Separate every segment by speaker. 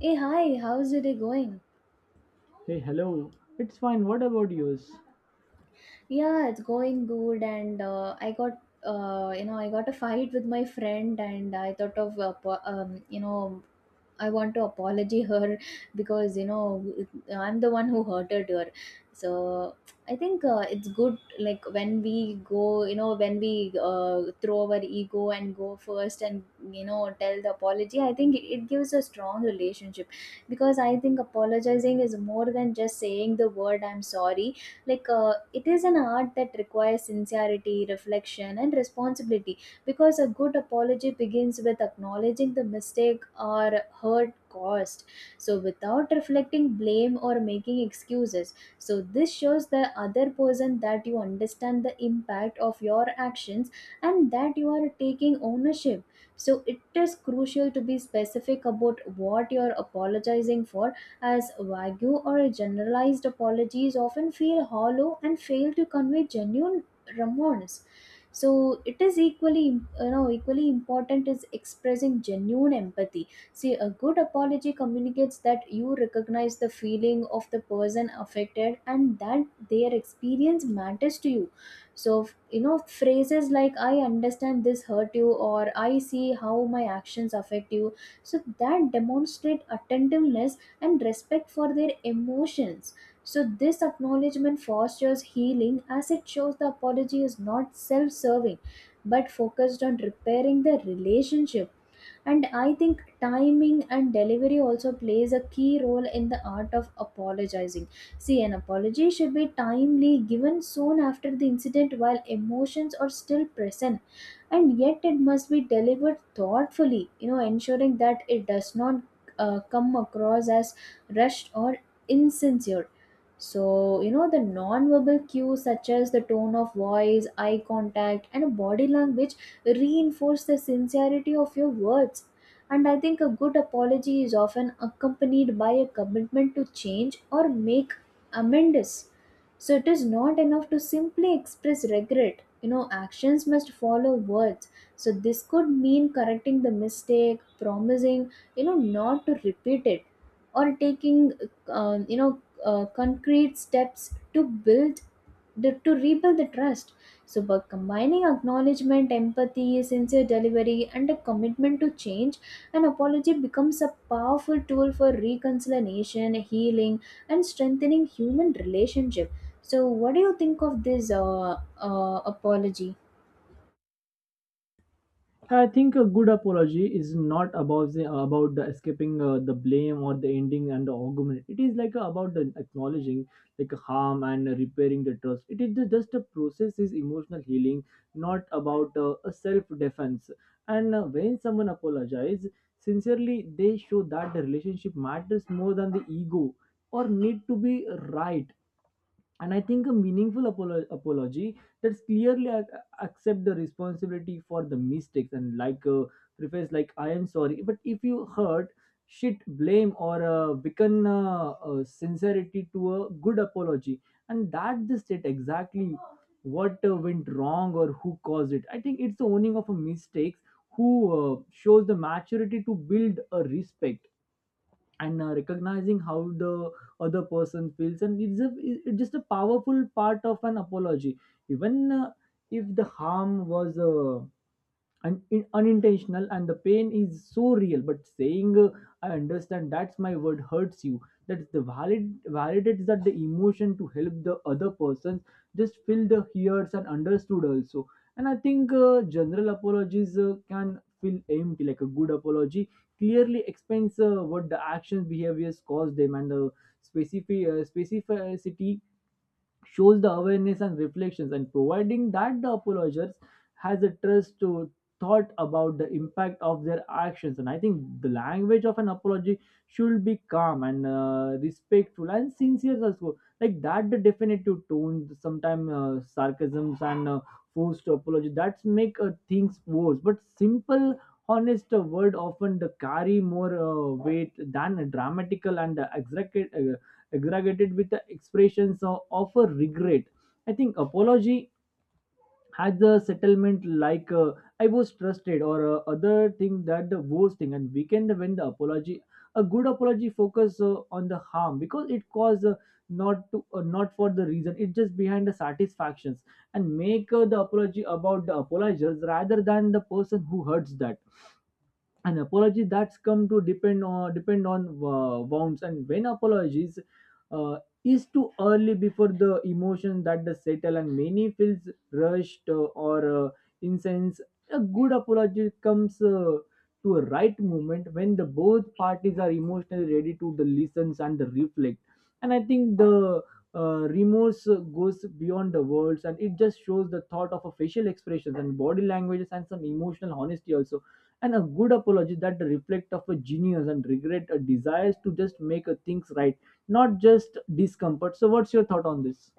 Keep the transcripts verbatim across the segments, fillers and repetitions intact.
Speaker 1: Hey, hi, how's your day going?
Speaker 2: Hey, hello. It's fine. What about yours?
Speaker 1: Yeah, it's going good, and uh, I got, uh, you know, I got a fight with my friend, and I thought of, uh, po- um, you know, I want to apology her because you know I'm the one who hurted her. So I think uh, it's good like when we go, you know, when we uh, throw our ego and go first and you know tell the apology. I think it, it gives a strong relationship, because I think apologizing is more than just saying the word I'm sorry. Like uh, it is an art that requires sincerity, reflection, and responsibility, because a good apology begins with acknowledging the mistake or hurt caused, so without reflecting blame or making excuses. So this shows the other person that you understand the impact of your actions and that you are taking ownership. So it is crucial to be specific about what you're apologizing for, as vague or generalized apologies often feel hollow and fail to convey genuine remorse. So it is equally you know equally important is expressing genuine empathy. See, a good apology communicates that you recognize the feeling of the person affected and that their experience matters to you. So f- you know phrases like I understand this hurt you or I see how my actions affect you, so that demonstrate attentiveness and respect for their emotions. So this acknowledgement fosters healing, as it shows the apology is not self serving but focused on repairing the relationship. And I think timing and delivery also plays a key role in the art of apologizing. See, an apology should be timely, given soon after the incident while emotions are still present, and yet it must be delivered thoughtfully, you know, ensuring that it does not uh, come across as rushed or insincere. So, you know, the non-verbal cues such as the tone of voice, eye contact, and body language reinforce the sincerity of your words. And I think a good apology is often accompanied by a commitment to change or make amends. So, it is not enough to simply express regret. You know, actions must follow words. So, this could mean correcting the mistake, promising, you know, not to repeat it, or taking um, you know uh, concrete steps to build the, to rebuild the trust. So, by combining acknowledgement, empathy, sincere delivery, and a commitment to change, an apology becomes a powerful tool for reconciliation, healing, and strengthening human relationship. So, what do you think of this uh, uh, apology?
Speaker 2: I think a good apology is not about the, about the escaping uh, the blame or the ending and the argument. It is like uh, about the acknowledging like harm and repairing the trust. It is ju- just a process is emotional healing, not about uh, a self defense. And uh, when someone apologizes sincerely, they show that the relationship matters more than the ego or need to be right. And I think a meaningful apolo- apology that's clearly ac- accept the responsibility for the mistakes and like a preface like I am sorry. But if you hurt, shit, blame or uh, weaken uh, uh, sincerity to a good apology, and that the state exactly what uh, went wrong or who caused it. I think it's the owning of a mistakes who uh, shows the maturity to build a respect and uh, recognizing how the other person feels and it's a it's just a powerful part of an apology even uh, if the harm was uh, and in, unintentional and the pain is so real but saying uh, I understand that's my word hurts you, that's the valid validates that the emotion to help the other person just feel the hears and understood also. And I think uh, general apologies uh, can feel empty like a good apology clearly explains uh, what the actions behaviors cause them and the specific uh, specificity shows the awareness and reflections and providing that the apologist has a trust to thought about the impact of their actions. And I think the language of an apology should be calm and uh, respectful and sincere also, like that the definitive tone sometimes uh, sarcasms and uh, forced apology that's make uh, things worse, but simple honest uh, word often the carry more uh, weight than a dramatical and uh, exaggerated with the expressions of, of a regret. I think apology has a settlement like uh, I was trusted or uh, other thing that the worst thing and we can when the apology a good apology focus uh, on the harm because it caused uh, not to uh, not for the reason it just behind the satisfactions and make uh, the apology about the apologizers rather than the person who hurts that an apology that's come to depend on depend on uh, wounds and when apologies uh, is too early before the emotion that the settle and many feels rushed uh, or uh, incense, a good apology comes uh, to a right moment when the both parties are emotionally ready to the listens and the reflect. And I think the uh, remorse uh, goes beyond the words and it just shows the thought of a facial expressions and body languages and some emotional honesty also. And a good apology that reflect of a genius and regret a desires to just make a things right, not just discomfort. So what's your thought on this?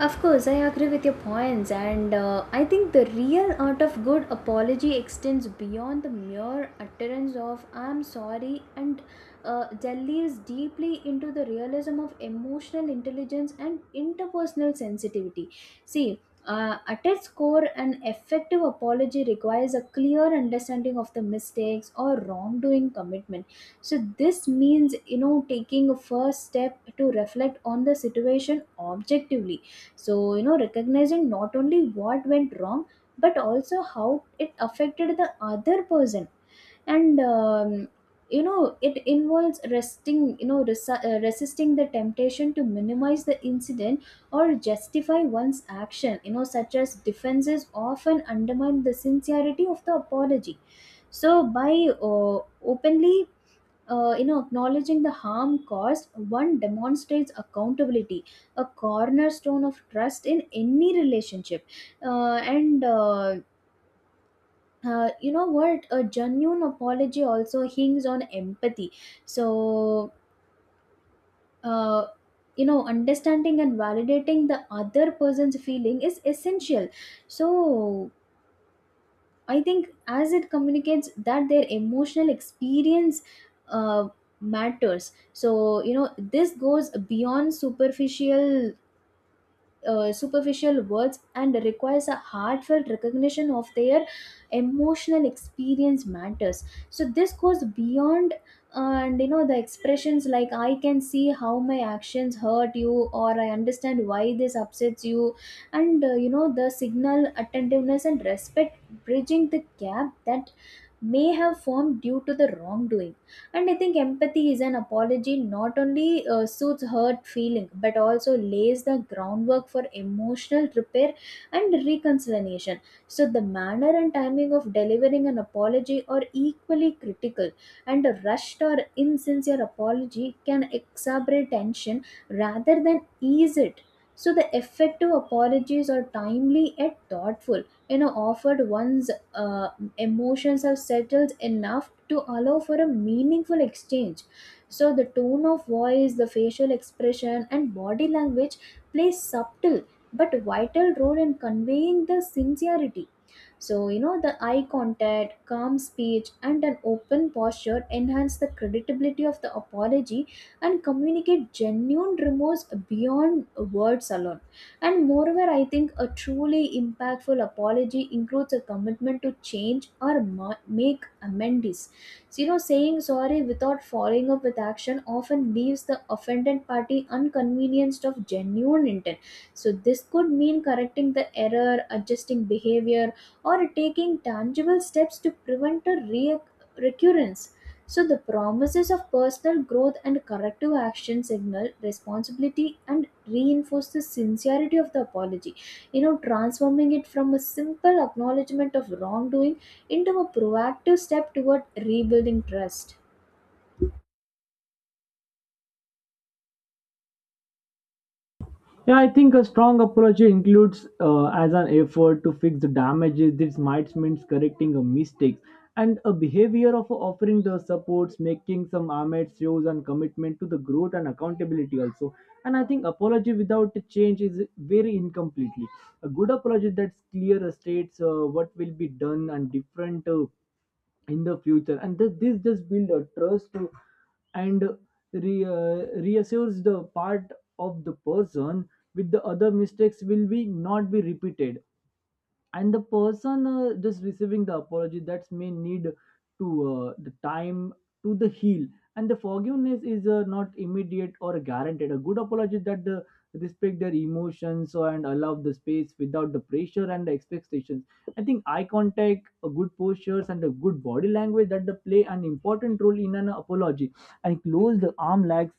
Speaker 1: Of course, I agree with your points, and uh, I think the real art of good apology extends beyond the mere utterance of "I'm sorry" and uh, delves deeply into the realism of emotional intelligence and interpersonal sensitivity. See. Uh, at its core, an effective apology requires a clear understanding of the mistakes or wrongdoing commitment. So, this means, you know, taking a first step to reflect on the situation objectively, so you know recognizing not only what went wrong, but also how it affected the other person. And um, you know it involves resting you know resi- uh, resisting the temptation to minimize the incident or justify one's action. You know such as defenses often undermine the sincerity of the apology. So by uh, openly uh, you know acknowledging the harm caused, one demonstrates accountability, a cornerstone of trust in any relationship. Uh, and uh, uh, You know what, a genuine apology also hinges on empathy. So uh, you know understanding and validating the other person's feeling is essential. So I think as it communicates that their emotional experience uh, matters. So you know this goes beyond superficial uh, superficial words and requires a heartfelt recognition of their emotional experience matters. So this goes beyond uh, and you know the expressions like I can see how my actions hurt you or I understand why this upsets you, and uh, you know the signal attentiveness and respect, bridging the gap that may have formed due to the wrongdoing. And I think empathy is an apology not only uh, suits hurt feeling but also lays the groundwork for emotional repair and reconciliation. So the manner and timing of delivering an apology are equally critical, and a rushed or insincere apology can exacerbate tension rather than ease it. So the effective apologies are timely yet thoughtful, you know offered once uh, emotions have settled enough to allow for a meaningful exchange. So, the tone of voice, the facial expression, and body language play subtle but vital role in conveying the sincerity. So, you know, the eye contact, calm speech, and an open posture enhance the credibility of the apology and communicate genuine remorse beyond words alone. And moreover, I think a truly impactful apology includes a commitment to change or ma- make amends. So, you know, saying sorry without following up with action often leaves the offended party inconvenienced of genuine intent. So, this could mean correcting the error, adjusting behavior, or taking tangible steps to prevent a re- recurrence. So, the promises of personal growth and corrective action signal responsibility and reinforce the sincerity of the apology, you know, transforming it from a simple acknowledgement of wrongdoing into a proactive step toward rebuilding trust.
Speaker 2: Yeah, I think a strong apology includes uh, as an effort to fix the damages. This might means correcting a mistake and a behavior of offering the supports, making some amends shows and commitment to the growth and accountability also. And I think apology without a change is very incompletely. A good apology that's clear states uh, what will be done and different uh, in the future, and th- this just build a trust to and re- uh, reassures the part of the person with the other mistakes will be not be repeated. And the person uh, just receiving the apology that may need to uh, the time to the heal, and the forgiveness is uh, not immediate or guaranteed. A good apology that the respect their emotions and allow the space without the pressure and the expectations. I think eye contact, a good postures and a good body language that they play an important role in an apology. And closed arm legs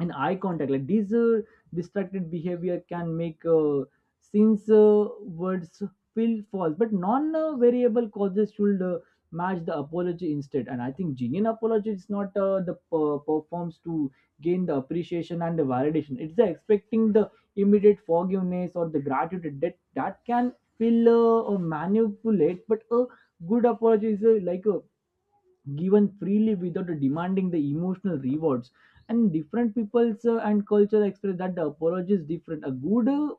Speaker 2: and eye contact like these uh, distracted behavior can make uh, since uh, words feel false, but non-variable causes should uh, match the apology instead. And I think genuine apology is not uh, the per- performs to gain the appreciation and the validation. It's the expecting the immediate forgiveness or the gratitude that that can feel uh, uh, manipulate, but a good apology is uh, like a given freely without demanding the emotional rewards. And different peoples uh, and culture express that the apology is different. A good uh,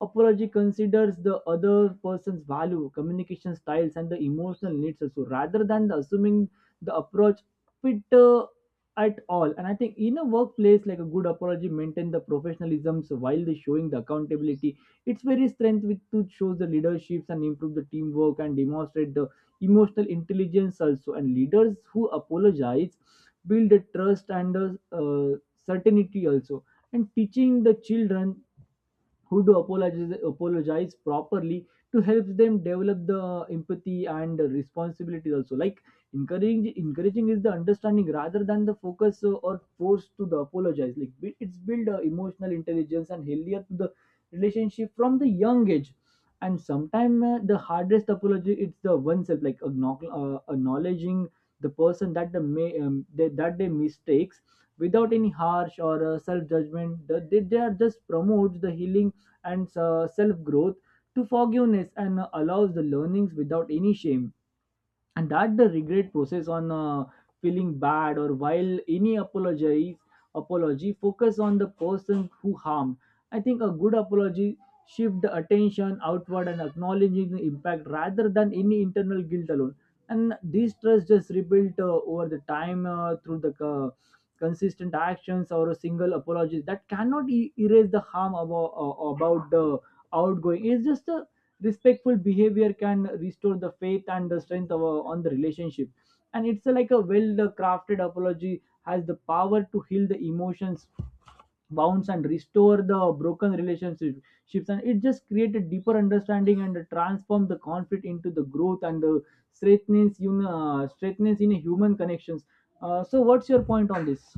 Speaker 2: apology considers the other person's value, communication styles, and the emotional needs also, rather than the assuming the approach fit uh, at all. And I think in a workplace, like a good apology, maintain the professionalisms while they showing the accountability. It's very strength with to shows the leaderships and improve the teamwork and demonstrate the emotional intelligence also. And leaders who apologize build the trust and uh, uh, certainty also. And teaching the children who do apologize apologize properly to help them develop the empathy and responsibility also, like encouraging encouraging is the understanding rather than the focus uh, or force to the apologize like bu- it's build uh, emotional intelligence and healthier to the relationship from the young age. And sometimes uh, the hardest apology it's the oneself like acknowl- uh, acknowledging the person that the may um, they, that they mistakes without any harsh or uh, self judgment. they, they are just promotes the healing and uh, self growth to forgiveness and uh, allows the learnings without any shame. And that the regret process on uh, feeling bad or while any apologize apology focus on the person who harmed. I think a good apology shift the attention outward and acknowledging the impact rather than any internal guilt alone. And this trust just rebuilt uh, over the time uh, through the co- consistent actions, or a single apology that cannot e- erase the harm about, about the outgoing. It's just a respectful behavior can restore the faith and the strength of, a- on the relationship. And it's a, like a well crafted apology has the power to heal the emotions wounds and restore the broken relationships, and it just create a deeper understanding and transform the conflict into the growth and the straightness in uh, straightness in human connections. Uh, so what's your point on this?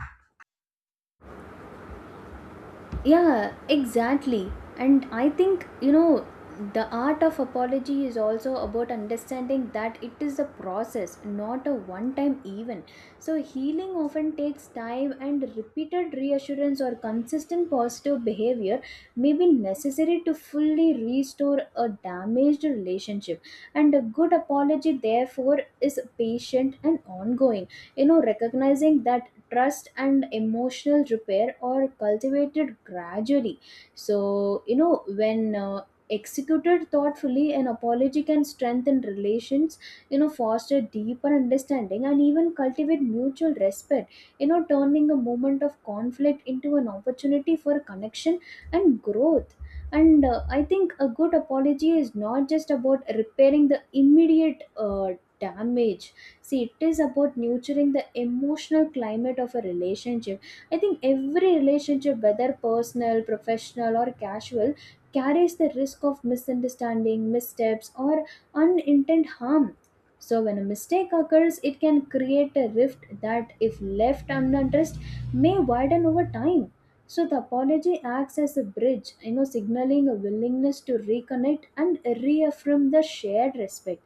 Speaker 1: Yeah, exactly. And I think, you know, the art of apology is also about understanding that it is a process, not a one time event. So, healing often takes time, and repeated reassurance or consistent positive behavior may be necessary to fully restore a damaged relationship. And a good apology, therefore, is patient and ongoing, you know, recognizing that trust and emotional repair are cultivated gradually. So you know when uh, executed thoughtfully, an apology can strengthen relations, you know foster deeper understanding and even cultivate mutual respect, you know turning a moment of conflict into an opportunity for connection and growth. And uh, I think a good apology is not just about repairing the immediate uh, damage. See, it is about nurturing the emotional climate of a relationship. I think every relationship, whether personal, professional, or casual, carries the risk of misunderstanding, missteps, or unintended harm. So, when a mistake occurs, it can create a rift that, if left unaddressed, may widen over time. So, the apology acts as a bridge, you know, signaling a willingness to reconnect and reaffirm the shared respect.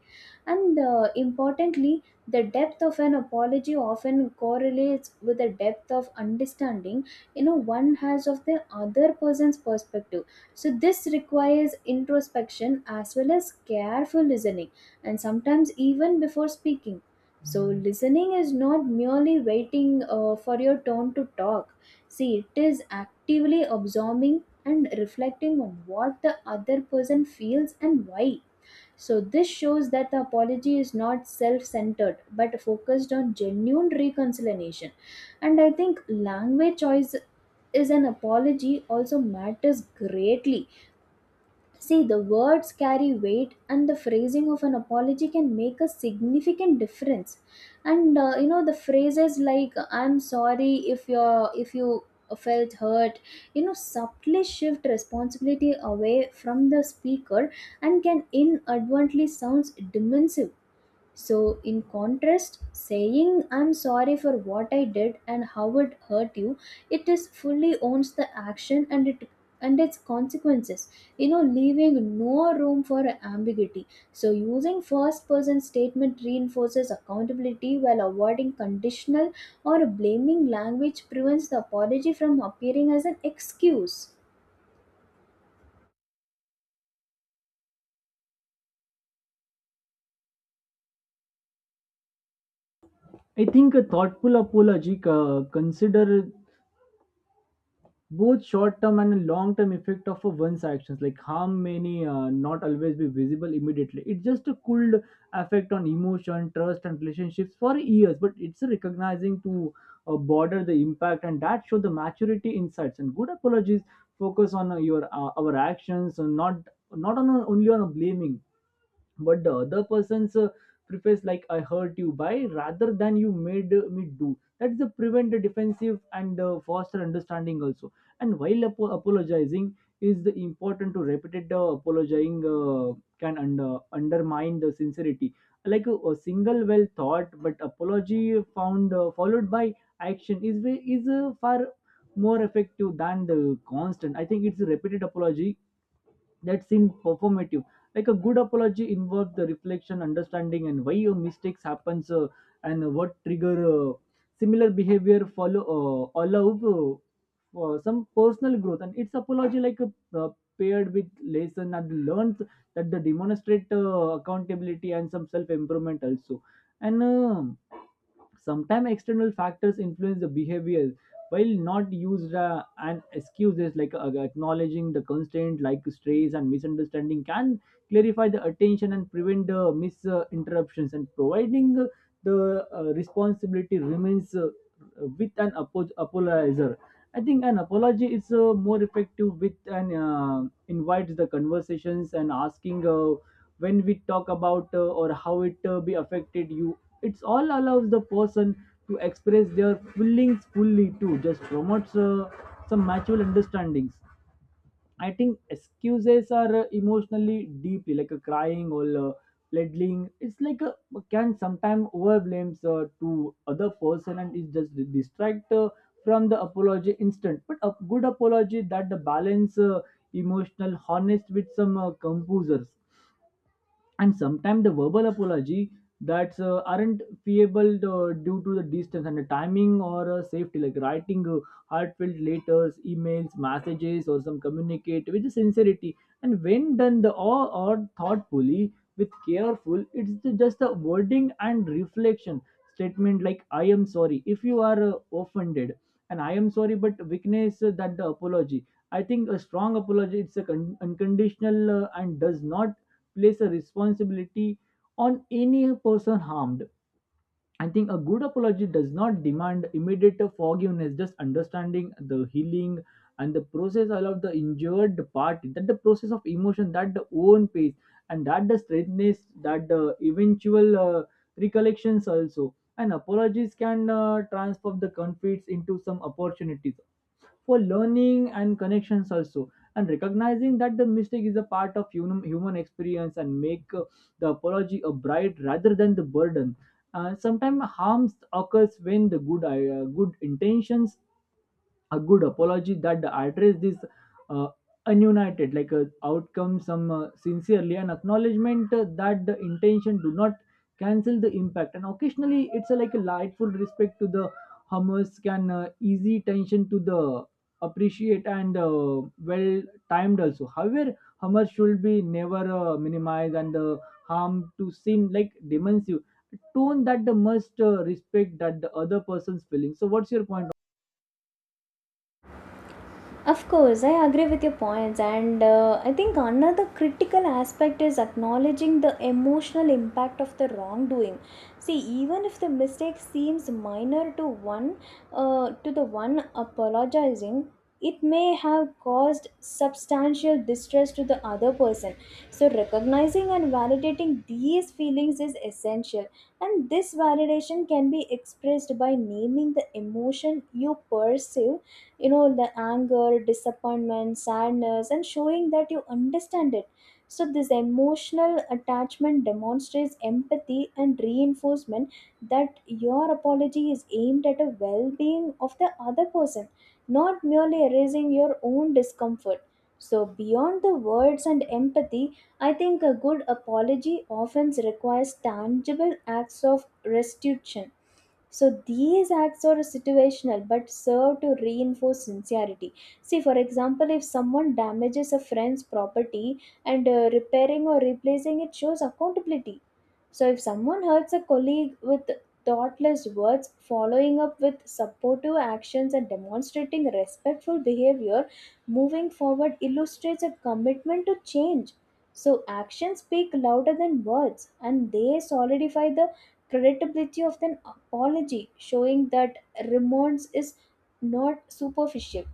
Speaker 1: And uh, importantly, the depth of an apology often correlates with the depth of understanding, you know one has of the other person's perspective. So this requires introspection as well as careful listening, and sometimes even before speaking. So listening is not merely waiting uh, for your turn to talk. See, it is actively absorbing and reflecting on what the other person feels and why. So, this shows that the apology is not self centered but focused on genuine reconciliation. And I think language choice is an apology also matters greatly. See, the words carry weight, and the phrasing of an apology can make a significant difference. And uh, you know, the phrases like "I'm sorry if you're if you felt hurt," you know, subtly shift responsibility away from the speaker and can inadvertently sounds dismissive. So, in contrast, saying I'm sorry for what I did and how it hurt you, it is fully owns the action and it and its consequences, you know leaving no room for ambiguity. So using first person statement reinforces accountability, while avoiding conditional or blaming language prevents the apology from appearing as an excuse.
Speaker 2: I think a thoughtful apology uh, consider both short-term and long-term effect of a one's actions, like harm many uh, not always be visible immediately. It just a cooled effect on emotion trust and relationships for years, but it's a recognizing to uh, border the impact, and that show the maturity insights. And good apologies focus on uh, your uh, our actions and not not on only on blaming, but the other person's uh, preface like I hurt you by rather than you made me do, that's the prevent the defensive and uh, foster understanding also. And while apo- apologizing is the important to repeated uh, apologizing uh, can under, undermine the sincerity. Like a, a single well thought but apology found uh, followed by action is way is uh, far more effective than the constant. I think it's a repeated apology that seemed performative, like a good apology involves the reflection understanding and why your mistakes happens uh, and what trigger uh, similar behavior follow uh, allow uh, for some personal growth. And it's apology like a uh, paired with lesson and learns that the demonstrate uh, accountability and some self improvement also. And um, sometimes external factors influence the behavior while not used uh, an excuses like uh, acknowledging the constraint like strays and misunderstanding can clarify the attention and prevent the misinterruptions, and providing uh, the uh, responsibility remains uh, with an apo- apologizer. I think an apology is uh, more effective with an uh, invites the conversations and asking uh, when we talk about uh, or how it uh, be affected you. It's all allows the person to express their feelings fully too, just promotes uh, some mutual understandings. I think excuses are uh, emotionally deeply like a crying or uh, pleading. It's like a can sometimes overblames uh, to other person, and it just distract uh, from the apology instant. But a good apology that the balance uh, emotional honest with some uh, composers. And sometimes the verbal apology that's uh, aren't feasible uh, due to the distance and the timing or uh, safety, like writing uh, heartfelt letters, emails, messages, or some communicate with sincerity. And when done the all or thoughtfully with careful, it's the- just a wording and reflection statement like I am sorry if you are uh, offended, and I am sorry but weakness uh, that the apology. I think a strong apology it's a con- unconditional uh, and does not place a responsibility on any person harmed. I think a good apology does not demand immediate forgiveness, just understanding the healing and the process allow the injured party that the process of emotion, that the own pace, and that the straightness, that the eventual uh, recollections also. And apologies can uh, transform the conflicts into some opportunities for learning and connections also, and recognizing that the mistake is a part of human human experience and make uh, the apology a bright rather than the burden. Uh, sometimes harms occurs when the good i- uh, good intentions a good apology that address this uh, ununited like uh, outcome some uh, sincerely and acknowledgement uh, that the intention do not cancel the impact, and occasionally it's a, like a lightful respect to the hummers can uh, easy tension to the appreciate and uh, well timed also. However, hummers should be never uh, minimized and uh, harm to seem like demonsive tone that the must uh, respect that the other person's feeling. So what's your point?
Speaker 1: Of course, I agree with your points, and uh, I think another critical aspect is acknowledging the emotional impact of the wrongdoing. See, even if the mistake seems minor to one, uh, to the one apologizing, it may have caused substantial distress to the other person. So, recognizing and validating these feelings is essential, and this validation can be expressed by naming the emotion you perceive, you know the anger, disappointment, sadness, and showing that you understand it. So this emotional attachment demonstrates empathy and reinforcement that your apology is aimed at a well-being of the other person, not merely erasing your own discomfort. So beyond the words and empathy, I think a good apology often requires tangible acts of restitution. So these acts are situational but serve to reinforce sincerity. See, for example, if someone damages a friend's property, and uh, repairing or replacing it shows accountability. So if someone hurts a colleague with thoughtless words, following up with supportive actions and demonstrating respectful behavior moving forward illustrates a commitment to change. So actions speak louder than words, and they solidify the credibility of an apology, showing that remorse is not superficial.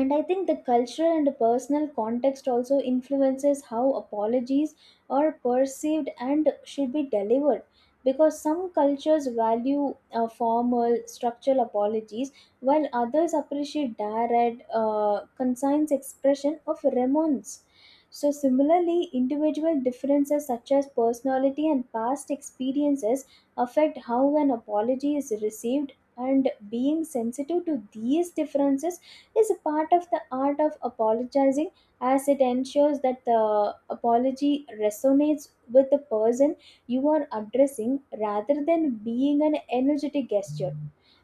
Speaker 1: And I think the cultural and personal context also influences how apologies are perceived and should be delivered, because some cultures value uh, formal structural apologies, while others appreciate direct, uh, concise expression of remorse. So similarly, individual differences such as personality and past experiences affect how an apology is received, and being sensitive to these differences is a part of the art of apologizing, as it ensures that the apology resonates with the person you are addressing, rather than being an energetic gesture.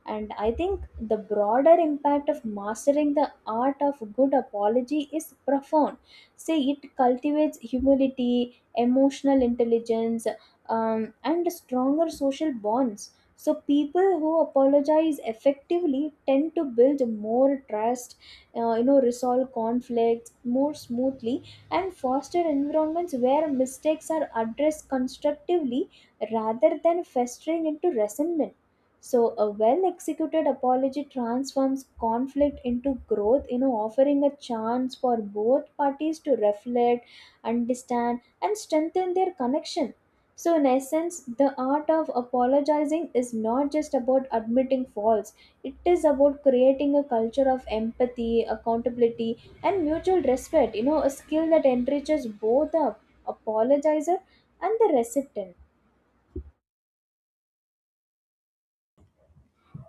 Speaker 1: And I think the broader impact of mastering the art of good apology is profound. Say it cultivates humility, emotional intelligence, um, and stronger social bonds. So people who apologize effectively tend to build more trust, uh, you know, resolve conflicts more smoothly, and foster environments where mistakes are addressed constructively rather than festering into resentment. So a well-executed apology transforms conflict into growth, you know, offering a chance for both parties to reflect, understand, and strengthen their connection. So, in essence, the art of apologizing is not just about admitting faults, it is about creating a culture of empathy, accountability, and mutual respect. You know, a skill that enriches both the apologizer and the recipient.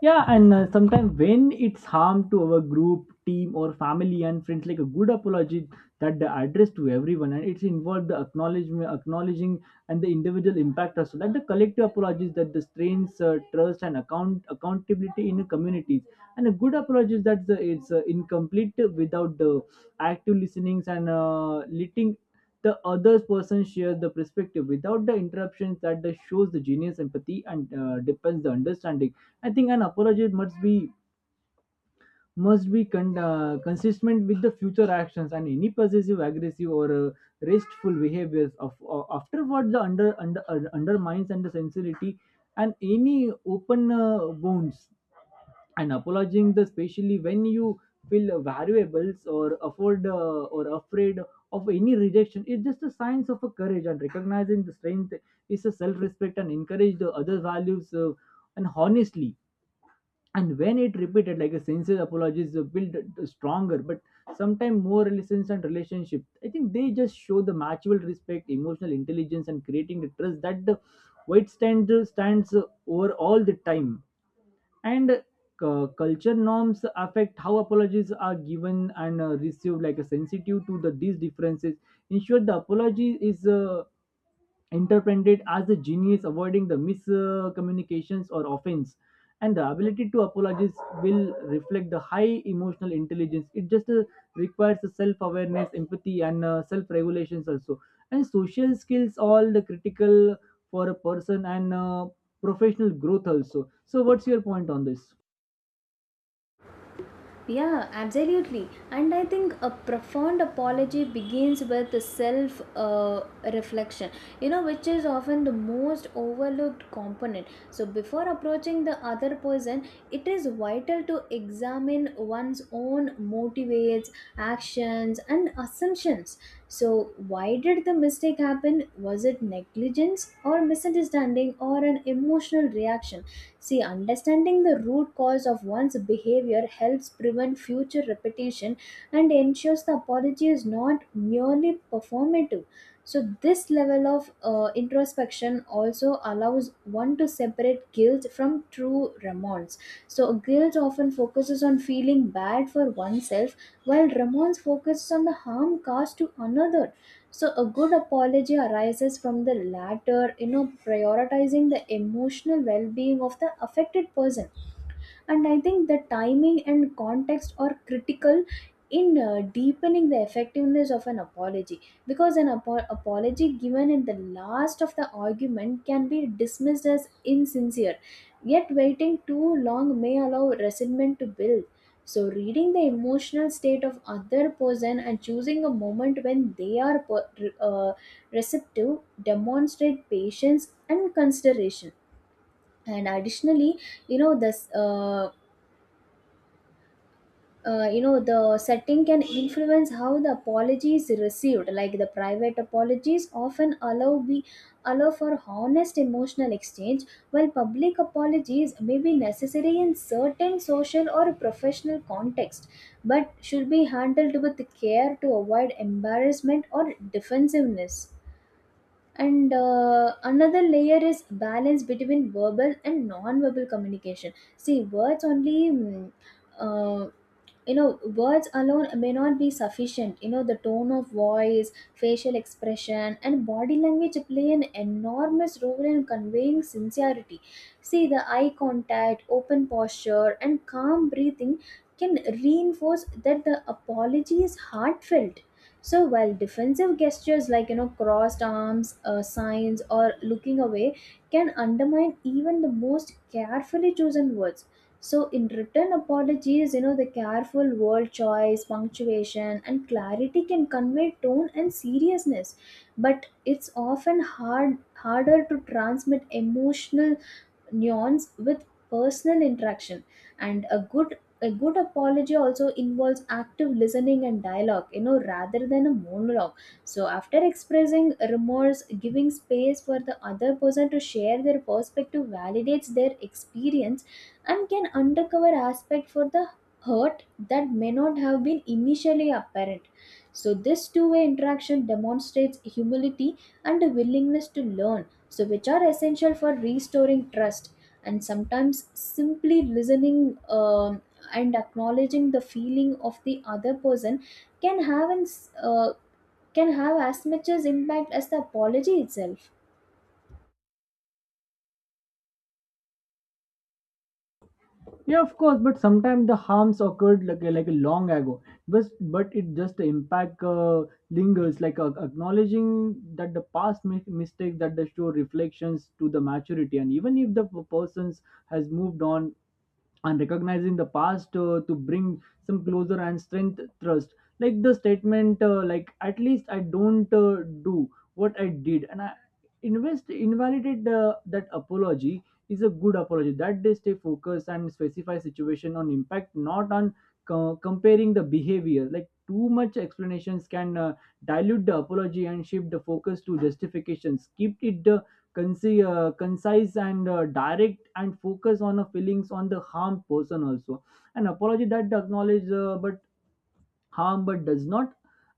Speaker 2: Yeah, and uh, sometimes when it's harm to our group, team, or family and friends, like a good apology that they address to everyone, and it's involved the acknowledgement, acknowledging, and the individual impact also. Like the collective apologies that the strains uh, trust and account accountability in a communities, and a good apology that the, it's uh, incomplete without the active listenings and uh, letting the other person shares the perspective without the interruptions that the shows the genius empathy and uh, depends the understanding. I think an apology must be must be con- uh, consistent with the future actions, and any possessive, aggressive, or uh, restful behaviors of uh, afterward the under under uh, undermines and the sincerity and any open uh, wounds, and apologizing the especially when you feel valuables or afford uh, or afraid of any rejection is just a signs of a courage, and recognizing the strength is a self-respect and encourage the other values uh, and honestly. And when it repeated like a sincere apologies uh, build a stronger but sometimes more relations and relationship, I think they just show the mutual respect, emotional intelligence, and creating the trust that the white stand stands uh, over all the time. And uh, culture norms affect how apologies are given and uh, received, like a sensitive to the these differences ensure the apology is uh, interpreted as a genius, avoiding the miscommunications or offense. And the ability to apologize will reflect the high emotional intelligence. It just uh, requires self awareness, empathy, and uh, self regulations also. And social skills, all the critical for a person and uh, professional growth also. So, what's your point on this?
Speaker 1: Yeah, absolutely. And I think a profound apology begins with self uh, reflection, you know, which is often the most overlooked component. So, before approaching the other person, it is vital to examine one's own motivates, actions, and assumptions. So, why did the mistake happen? Was it negligence or misunderstanding or an emotional reaction? See, understanding the root cause of one's behavior helps prevent future repetition and ensures the apology is not merely performative. So, this level of uh, introspection also allows one to separate guilt from true remorse. So, guilt often focuses on feeling bad for oneself, while remorse focuses on the harm caused to another. So a good apology arises from the latter, you know, prioritizing the emotional well-being of the affected person. And I think the timing and context are critical in uh, deepening the effectiveness of an apology, because an apo- apology given in the last of the argument can be dismissed as insincere, yet waiting too long may allow resentment to build. So reading the emotional state of other person and choosing a moment when they are per- uh, receptive demonstrate patience and consideration. And additionally, you know, this uh, uh, you know, the setting can influence how the apology is received, like the private apologies often allow be allow for honest emotional exchange, while public apologies may be necessary in certain social or professional context, but should be handled with care to avoid embarrassment or defensiveness. And uh, another layer is balance between verbal and non-verbal communication. See, words only mm, uh, you know, words alone may not be sufficient. You know, the tone of voice, facial expression, and body language play an enormous role in conveying sincerity. See, the eye contact, open posture, and calm breathing can reinforce that the apology is heartfelt. So while defensive gestures like, you know, crossed arms, uh, signs, or looking away can undermine even the most carefully chosen words. So in written apologies, you know, the careful word choice, punctuation, and clarity can convey tone and seriousness, but it's often hard harder to transmit emotional nuance with personal interaction. And a good a good apology also involves active listening and dialogue, you know, rather than a monologue. So after expressing remorse, giving space for the other person to share their perspective validates their experience and can uncover aspect for the hurt that may not have been initially apparent. So, this two way interaction demonstrates humility and a willingness to learn, so which are essential for restoring trust. And sometimes simply listening, um, and acknowledging the feeling of the other person can have an, s- uh, can have as much as impact as the apology itself.
Speaker 2: Yeah, of course, but sometimes the harms occurred like like long ago. But but it just the impact uh, lingers. Like uh, acknowledging that the past mi- mistake that the show reflections to the maturity, and even if the p- persons has moved on and recognizing the past uh, to bring some closer and strength trust, like the statement uh, like at least I don't uh, do what I did, and I invest invalidate the, that apology is a good apology that they stay focused and specify situation on impact, not on co- comparing the behavior. Like too much explanations can uh, dilute the apology and shift the focus to justifications. Keep it uh, conci- uh, concise and uh, direct and focus on the feelings on the harmed person also. And apology that acknowledge uh, but harm but does not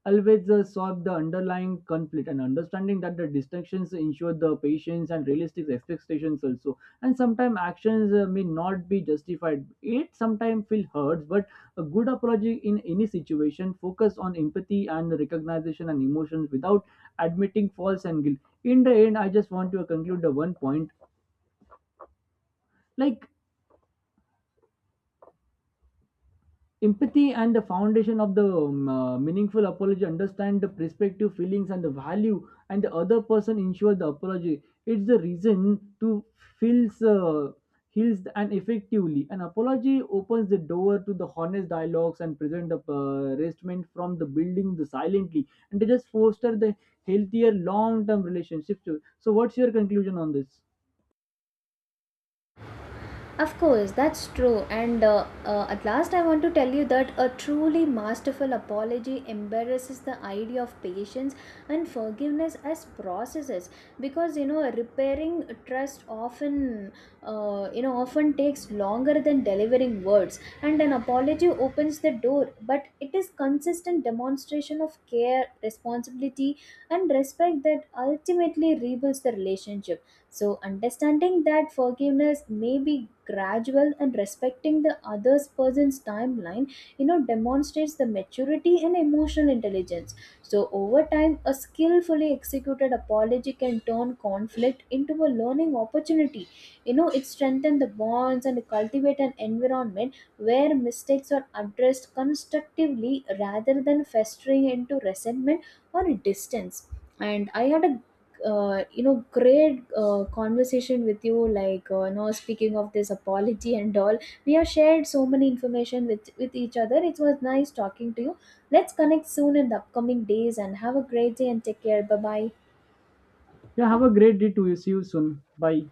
Speaker 2: always uh, solve the underlying conflict, and understanding that the distinctions ensure the patience and realistic expectations also. And sometimes actions uh, may not be justified, it sometimes feel hurts, but a good apology in any situation focus on empathy and recognition and emotions without admitting faults and guilt. In the end I just want to conclude the one point, like empathy and the foundation of the um, uh, meaningful apology. Understand the perspective, feelings, and the value, and the other person ensure the apology. It's the reason to feels uh, heals and effectively. An apology opens the door to the honest dialogues and present the uh, restatement from the building the silently, and they just foster the healthier long-term relationships. So, what's your conclusion on this?
Speaker 1: Of course, that's true. And uh, uh, at last, I want to tell you that a truly masterful apology embarrasses the idea of patience and forgiveness as processes, because, you know, repairing trust often, uh, you know, often takes longer than delivering words. And an apology opens the door, but it is consistent demonstration of care, responsibility, and respect that ultimately rebuilds the relationship. So, understanding that forgiveness may be gradual and respecting the other person's timeline, you know, demonstrates the maturity and emotional intelligence. So, over time, a skillfully executed apology can turn conflict into a learning opportunity. You know, it strengthens the bonds and cultivate an environment where mistakes are addressed constructively rather than festering into resentment or distance. And I had a uh, you know, great uh, conversation with you, like, uh, you know, speaking of this apology and all, we have shared so many information with with each other. It was nice talking to you. Let's connect soon in the upcoming days, and have a great day and take care. Bye bye.
Speaker 2: Yeah, have a great day to you. See you soon. Bye.